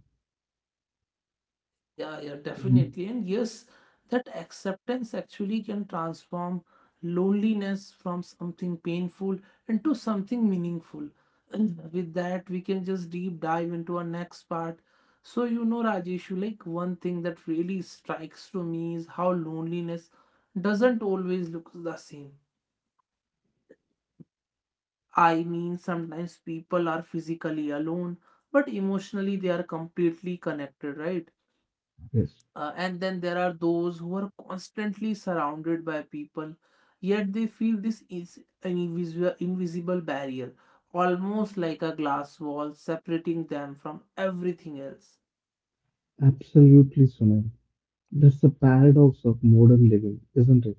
[SPEAKER 1] Yeah, definitely.
[SPEAKER 2] Mhm.
[SPEAKER 1] And yes, that acceptance actually can transform loneliness from something painful into something meaningful. And with that, we can just deep dive into our next part. So, you know, Rajeshu, like one thing that really strikes to me is how loneliness doesn't always look the same. I mean, sometimes people are physically alone, but emotionally they are completely connected, right?
[SPEAKER 2] Yes,
[SPEAKER 1] And then there are those who are constantly surrounded by people, yet they feel this is an invisible barrier, almost like a glass wall separating them from everything else.
[SPEAKER 2] absolutely, Sunil. That's the paradox of modern living, isn't it?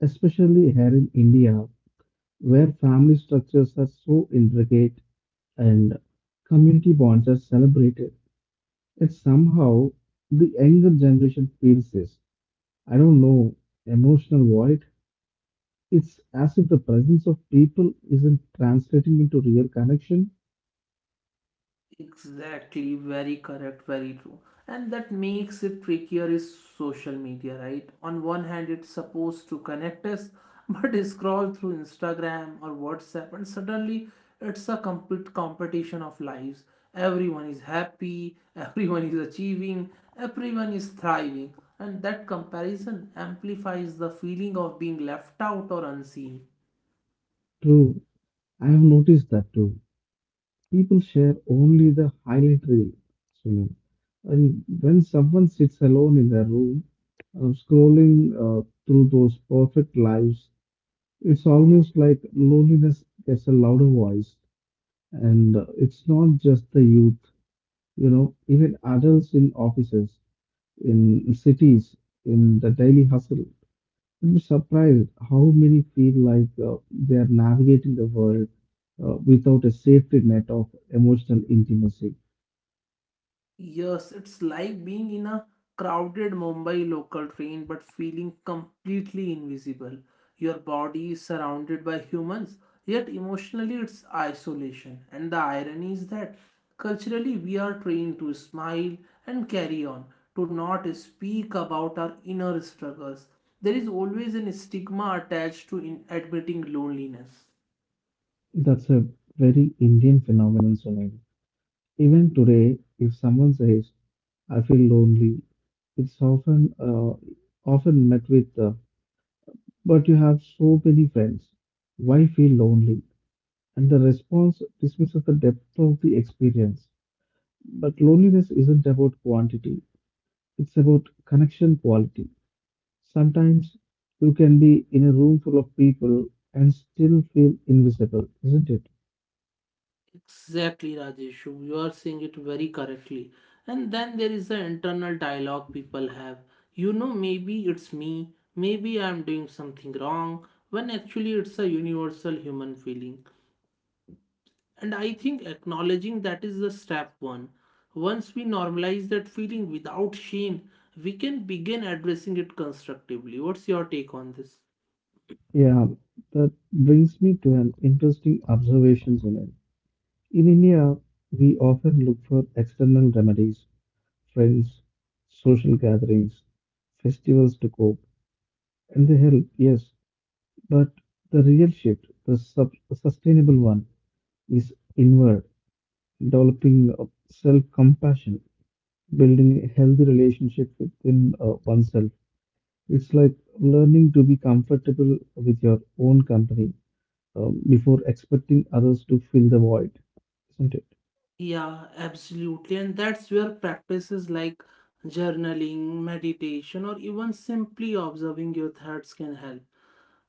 [SPEAKER 2] Especially here in India, where family structures are so intricate and community bonds are celebrated. Yet somehow the younger generation feels this, I don't know, emotional void. It's as if the presence of people isn't translating into real connection.
[SPEAKER 1] Exactly, very correct, very true. And that makes it trickier is social media, right? On one hand, it's supposed to connect us, but scroll through Instagram or WhatsApp, and suddenly it's a complete competition of lives. Everyone is happy, everyone is achieving, everyone is thriving, and that comparison amplifies the feeling of being left out or unseen.
[SPEAKER 2] True, I have noticed that too. People share only the highlight reel. So, and when someone sits alone in their room, scrolling through those perfect lives, it's almost like loneliness gets a louder voice, and it's not just the youth, even adults in offices, in cities, in the daily hustle. You'd be surprised how many feel like they are navigating the world without a safety net of emotional intimacy.
[SPEAKER 1] Yes, it's like being in a crowded Mumbai local train but feeling completely invisible. Your body is surrounded by humans, yet emotionally it's isolation. And the irony is that culturally we are trained to smile and carry on, to not speak about our inner struggles. There is always an stigma attached to in admitting loneliness.
[SPEAKER 2] That's a very Indian phenomenon, Sunil. Even today, if someone says, I feel lonely, it's often met with, but you have so many friends. Why feel lonely? And the response dismisses the depth of the experience. But loneliness isn't about quantity, it's about connection quality. Sometimes you can be in a room full of people and still feel invisible, isn't it?
[SPEAKER 1] Exactly, Rajeshu. You are saying it very correctly. And then there is the internal dialogue people have. You know, maybe it's me, maybe I'm doing something wrong, when actually it's a universal human feeling. And I think acknowledging that is the step one. Once we normalize that feeling without shame, we can begin addressing it constructively. What's your take on this?
[SPEAKER 2] Yeah, that brings me to an interesting observation, Sunil. In India, we often look for external remedies, friends, social gatherings, festivals to cope. And they help, yes, but the real shift, the sustainable one, is inward, developing self compassion, building a healthy relationship within oneself. It's like learning to be comfortable with your own company before expecting others to fill the void, isn't it?
[SPEAKER 1] Yeah, absolutely. And that's where practices like journaling, meditation, or even simply observing your thoughts can help.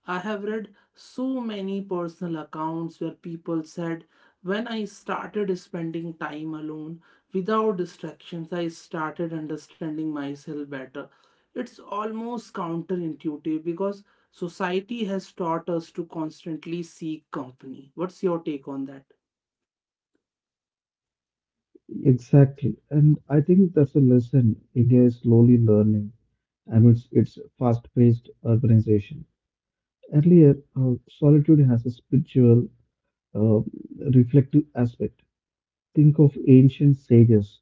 [SPEAKER 1] I have read so many personal accounts where people said, when I started spending time alone without distractions, I started understanding myself better. It's almost counterintuitive because society has taught us to constantly seek company. What's your take on that?
[SPEAKER 2] Exactly. And I think that's a lesson India is slowly learning amidst its fast paced urbanization. Earlier, solitude has a spiritual, uh, reflective aspect. Think of ancient sages,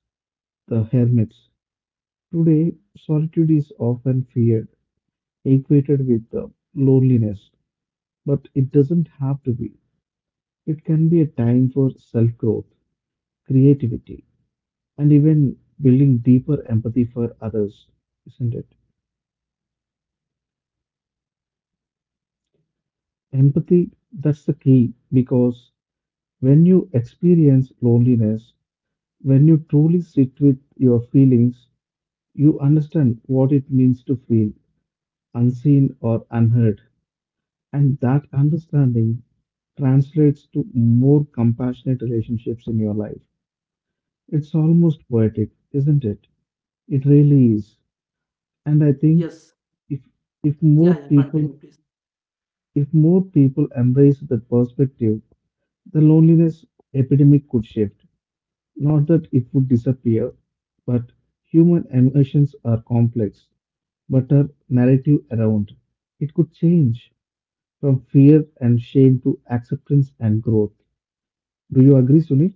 [SPEAKER 2] the hermits. Today, solitude is often feared, equated with loneliness, but it doesn't have to be. It can be a time for self growth, creativity, and even building deeper empathy for others, isn't it? Empathy, that's the key because when you experience loneliness, when you truly sit with your feelings, you understand what it means to feel unseen or unheard. And that understanding translates to more compassionate relationships in your life. It's almost poetic, isn't it? It really is. And I think
[SPEAKER 1] Yes.
[SPEAKER 2] if if
[SPEAKER 1] Yeah,
[SPEAKER 2] more
[SPEAKER 1] yeah,
[SPEAKER 2] people
[SPEAKER 1] continue, please.
[SPEAKER 2] if more people embrace that perspective, the loneliness epidemic could shift. Not that it would disappear, but human emotions are complex, but our narrative around it could change, from fear and shame to acceptance and growth. Do you agree, Sunil?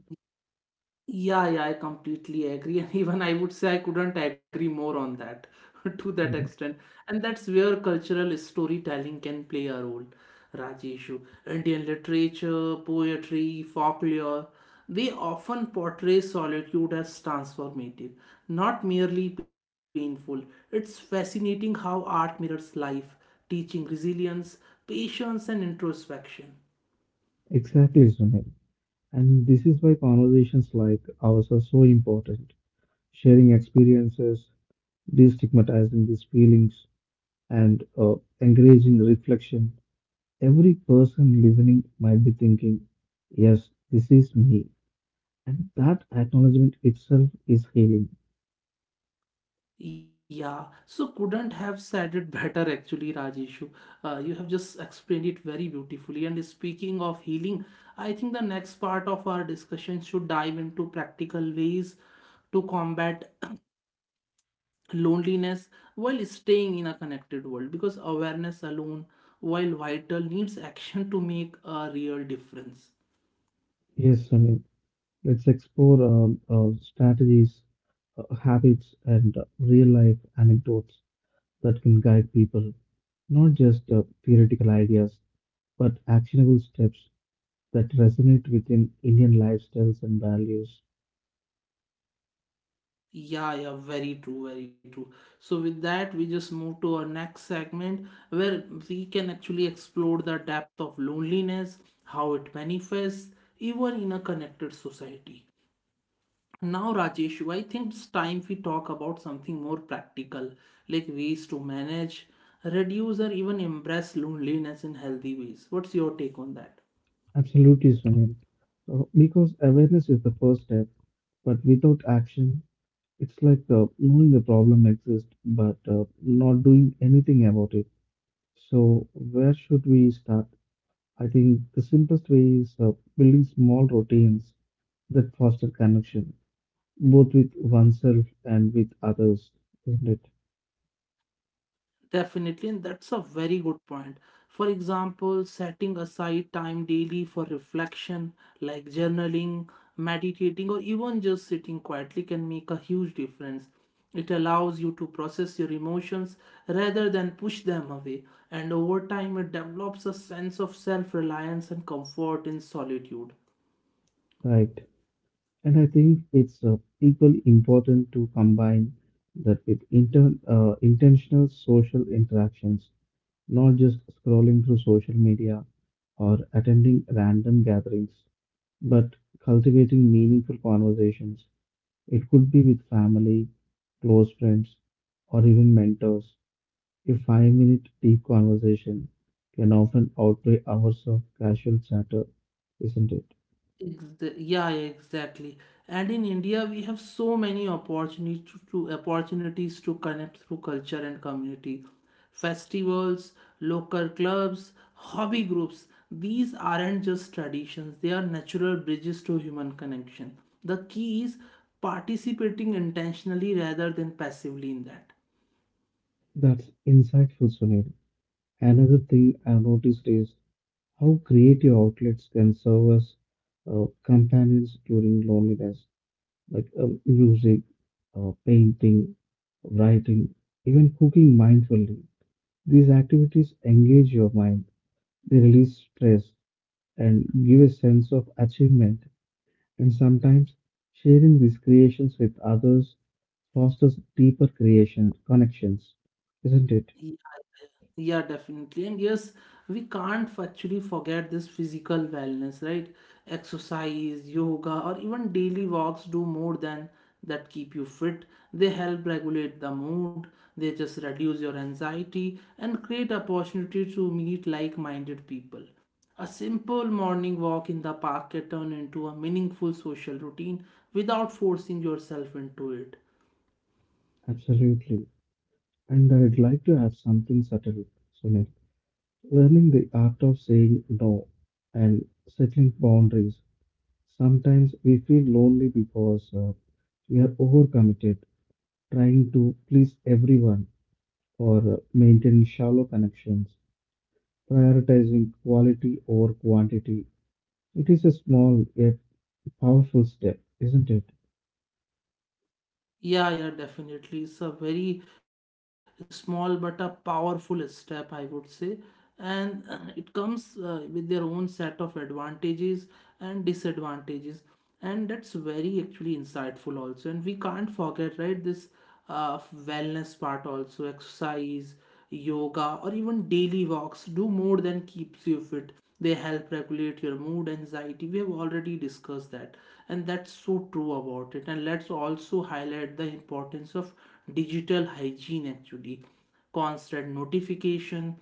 [SPEAKER 1] Yeah, yeah, I completely agree. And even I would say I couldn't agree more on that to that
[SPEAKER 2] Yeah,
[SPEAKER 1] extent. And that's where cultural storytelling can play a role, Rajeshu. Indian literature, poetry, folklore, they often portray solitude as transformative, not merely painful. It's fascinating how art mirrors life, teaching resilience, patience, and introspection.
[SPEAKER 2] exactly, Sunil. And this is why conversations like ours are so important. Sharing experiences, destigmatizing these feelings, and encouraging reflection. Every person listening might be thinking, yes, this is me. And that acknowledgement itself is healing.
[SPEAKER 1] Yeah, so couldn't have said it better actually, Rajeshu. You have just explained it very beautifully. And speaking of healing, I think the next part of our discussion should dive into practical ways to combat loneliness while staying in a connected world because awareness alone, while vital, needs action to make a real difference.
[SPEAKER 2] Yes, Sunil. Let's explore strategies, habits, and real life anecdotes that can guide people, not just theoretical ideas, but actionable steps that resonate within Indian lifestyles and values.
[SPEAKER 1] Yeah, very true, very true. So, with that, we just move to our next segment where we can actually explore the depth of loneliness, how it manifests, even in a connected society. Now, Rajeshu, I think it's time we talk about something more practical, like ways to manage, reduce, or even embrace loneliness in healthy ways. What's your take on that?
[SPEAKER 2] Absolutely, Sunil. Because awareness is the first step, but without action, it's like knowing the problem exists but not doing anything about it. So, where should we start? I think the simplest way is building small routines that foster connection, both with oneself and with others, isn't it?
[SPEAKER 1] Definitely, and that's a very good point. For example, setting aside time daily for reflection, like journaling, meditating, or even just sitting quietly, can make a huge difference. It allows you to process your emotions rather than push them away, and over time, it develops a sense of self reliance and comfort in solitude.
[SPEAKER 2] Right. And I think it's equally important to combine that with inter intentional social interactions, not just scrolling through social media or attending random gatherings, but cultivating meaningful conversations. It could be with family, close friends, or even mentors. A 5-minute deep conversation can often outweigh hours of casual chatter, isn't it?
[SPEAKER 1] Yeah, yeah, exactly. And in India, we have so many opportunities to connect through culture and community. Festivals, local clubs, hobby groups. These aren't just traditions, they are natural bridges to human connection. The key is participating intentionally rather than passively in that.
[SPEAKER 2] That's insightful, Sunil. Another thing I've noticed is how creative outlets can serve as companions during loneliness, like music, painting, writing, even cooking mindfully. These activities engage your mind, they release stress, and give a sense of achievement. And sometimes sharing these creations with others fosters deeper creation connections, isn't it?
[SPEAKER 1] Yeah, definitely. And yes, we can't actually forget this physical wellness, right? Exercise, yoga, or even daily walks do more than that keep you fit. They help regulate the mood, they just reduce your anxiety and create opportunity to meet like-minded people. A simple morning walk in the park can turn into a meaningful social routine without forcing yourself into it.
[SPEAKER 2] Absolutely. And I'd like to add something subtle, Sunil. Learning the art of saying no and setting boundaries. Sometimes we feel lonely because we are overcommitted, trying to please everyone or maintaining shallow connections, prioritizing quality over quantity. It is a small yet powerful step, isn't it?
[SPEAKER 1] Yeah, definitely. It's a very small but a powerful step, I would say. And it comes with their own set of advantages and disadvantages. And that's very actually insightful, also. And we can't forget, right, this wellness part, also exercise yoga, or even daily walks do more than keeps you fit. They help regulate your mood, anxiety. We have already discussed that, and that's so true about it. And let's also highlight the importance of digital hygiene actually constant notification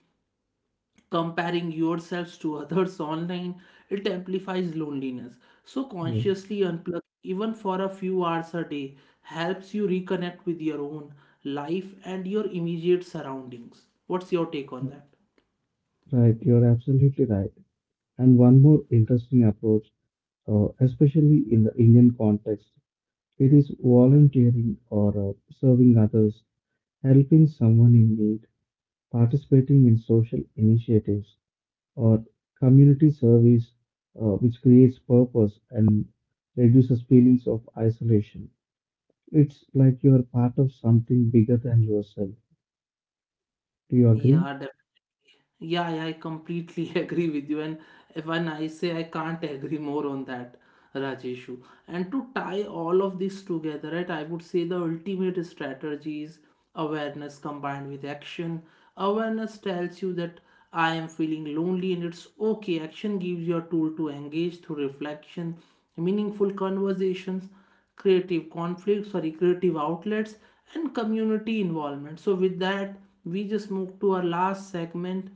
[SPEAKER 1] comparing yourselves to others online, it amplifies loneliness, so
[SPEAKER 2] Yes,
[SPEAKER 1] consciously unplug even for a few hours a day helps you reconnect with your own life and your immediate surroundings. What's your take on that?
[SPEAKER 2] right, you're absolutely right. And one more interesting approach, especially in the Indian context, it is volunteering or serving others, helping someone in need, participating in social initiatives or community service, which creates purpose and reduces feelings of isolation. It's like you are part of something bigger than yourself. Do you agree?
[SPEAKER 1] Yeah, yeah, yeah, I completely agree with you. And even I say I can't agree more on that, Rajeshu. And to tie all of this together, right, I would say the ultimate strategy is awareness combined with action. Awareness tells you that I am feeling lonely and it's okay. Action gives you a tool to engage through reflection, meaningful conversations, creative conflicts, sorry, creative outlets, and community involvement. So, with that, we just move to our last segment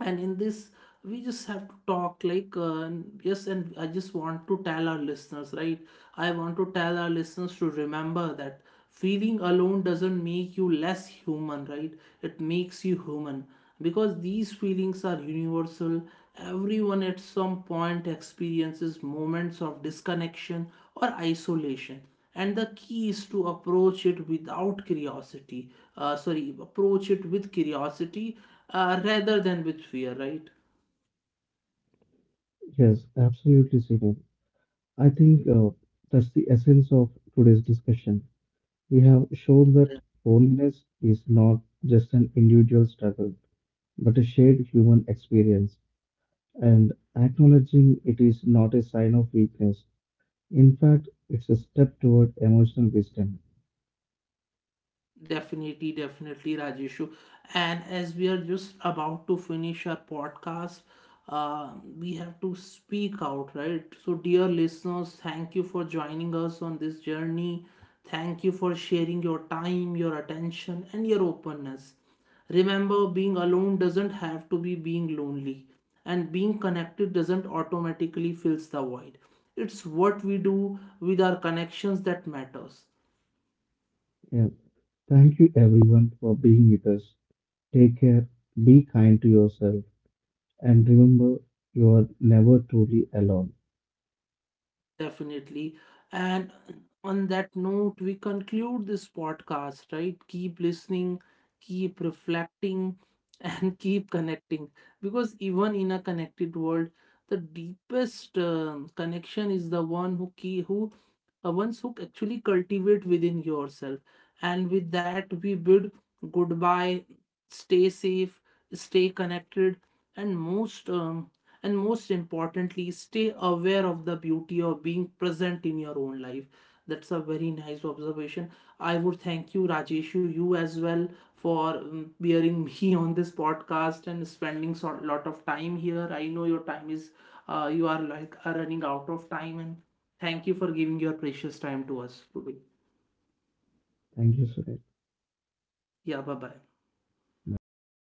[SPEAKER 1] and in this we just have to talk like yes, and I just want to tell our listeners right I want to tell our listeners to remember that feeling alone doesn't make you less human, right? It makes you human because these feelings are universal. Everyone at some point experiences moments of disconnection or isolation. And the key is to approach it without curiosity, sorry, approach it with curiosity, rather than with fear, right?
[SPEAKER 2] Yes, absolutely, Srini. I think that's the essence of today's discussion. We have shown that loneliness is not just an individual struggle, but a shared human experience. And acknowledging it is not a sign of weakness. In fact, it's a step toward emotional wisdom.
[SPEAKER 1] Definitely, definitely, Rajeshu. And as we are just about to finish our podcast, uh, we have to speak out, right? So, dear listeners, thank you for joining us on this journey. Thank you for sharing your time, your attention, and your openness. Remember, being alone doesn't have to be being lonely, and being connected doesn't automatically fills the void. It's what we do with our connections that matters.
[SPEAKER 2] Yeah. Thank you, everyone, for being with us. Take care, be kind to yourself, and remember you are never truly alone.
[SPEAKER 1] Definitely. And on that note, we conclude this podcast, right? Keep listening, keep reflecting, and keep connecting. Because even in a connected world, the deepest connection is the ones who actually cultivate within yourself. And with that, we bid goodbye. Stay safe, stay connected, and most importantly, stay aware of the beauty of being present in your own life. That's a very nice observation. I would thank you, Rajeshu, you as well for bearing me on this podcast and spending a lot of time here. I know your time is you are like are running out of time, and thank you for giving your precious time to us today.
[SPEAKER 2] Thank you, Srini.
[SPEAKER 1] Yeah, bye bye.
[SPEAKER 2] Bye.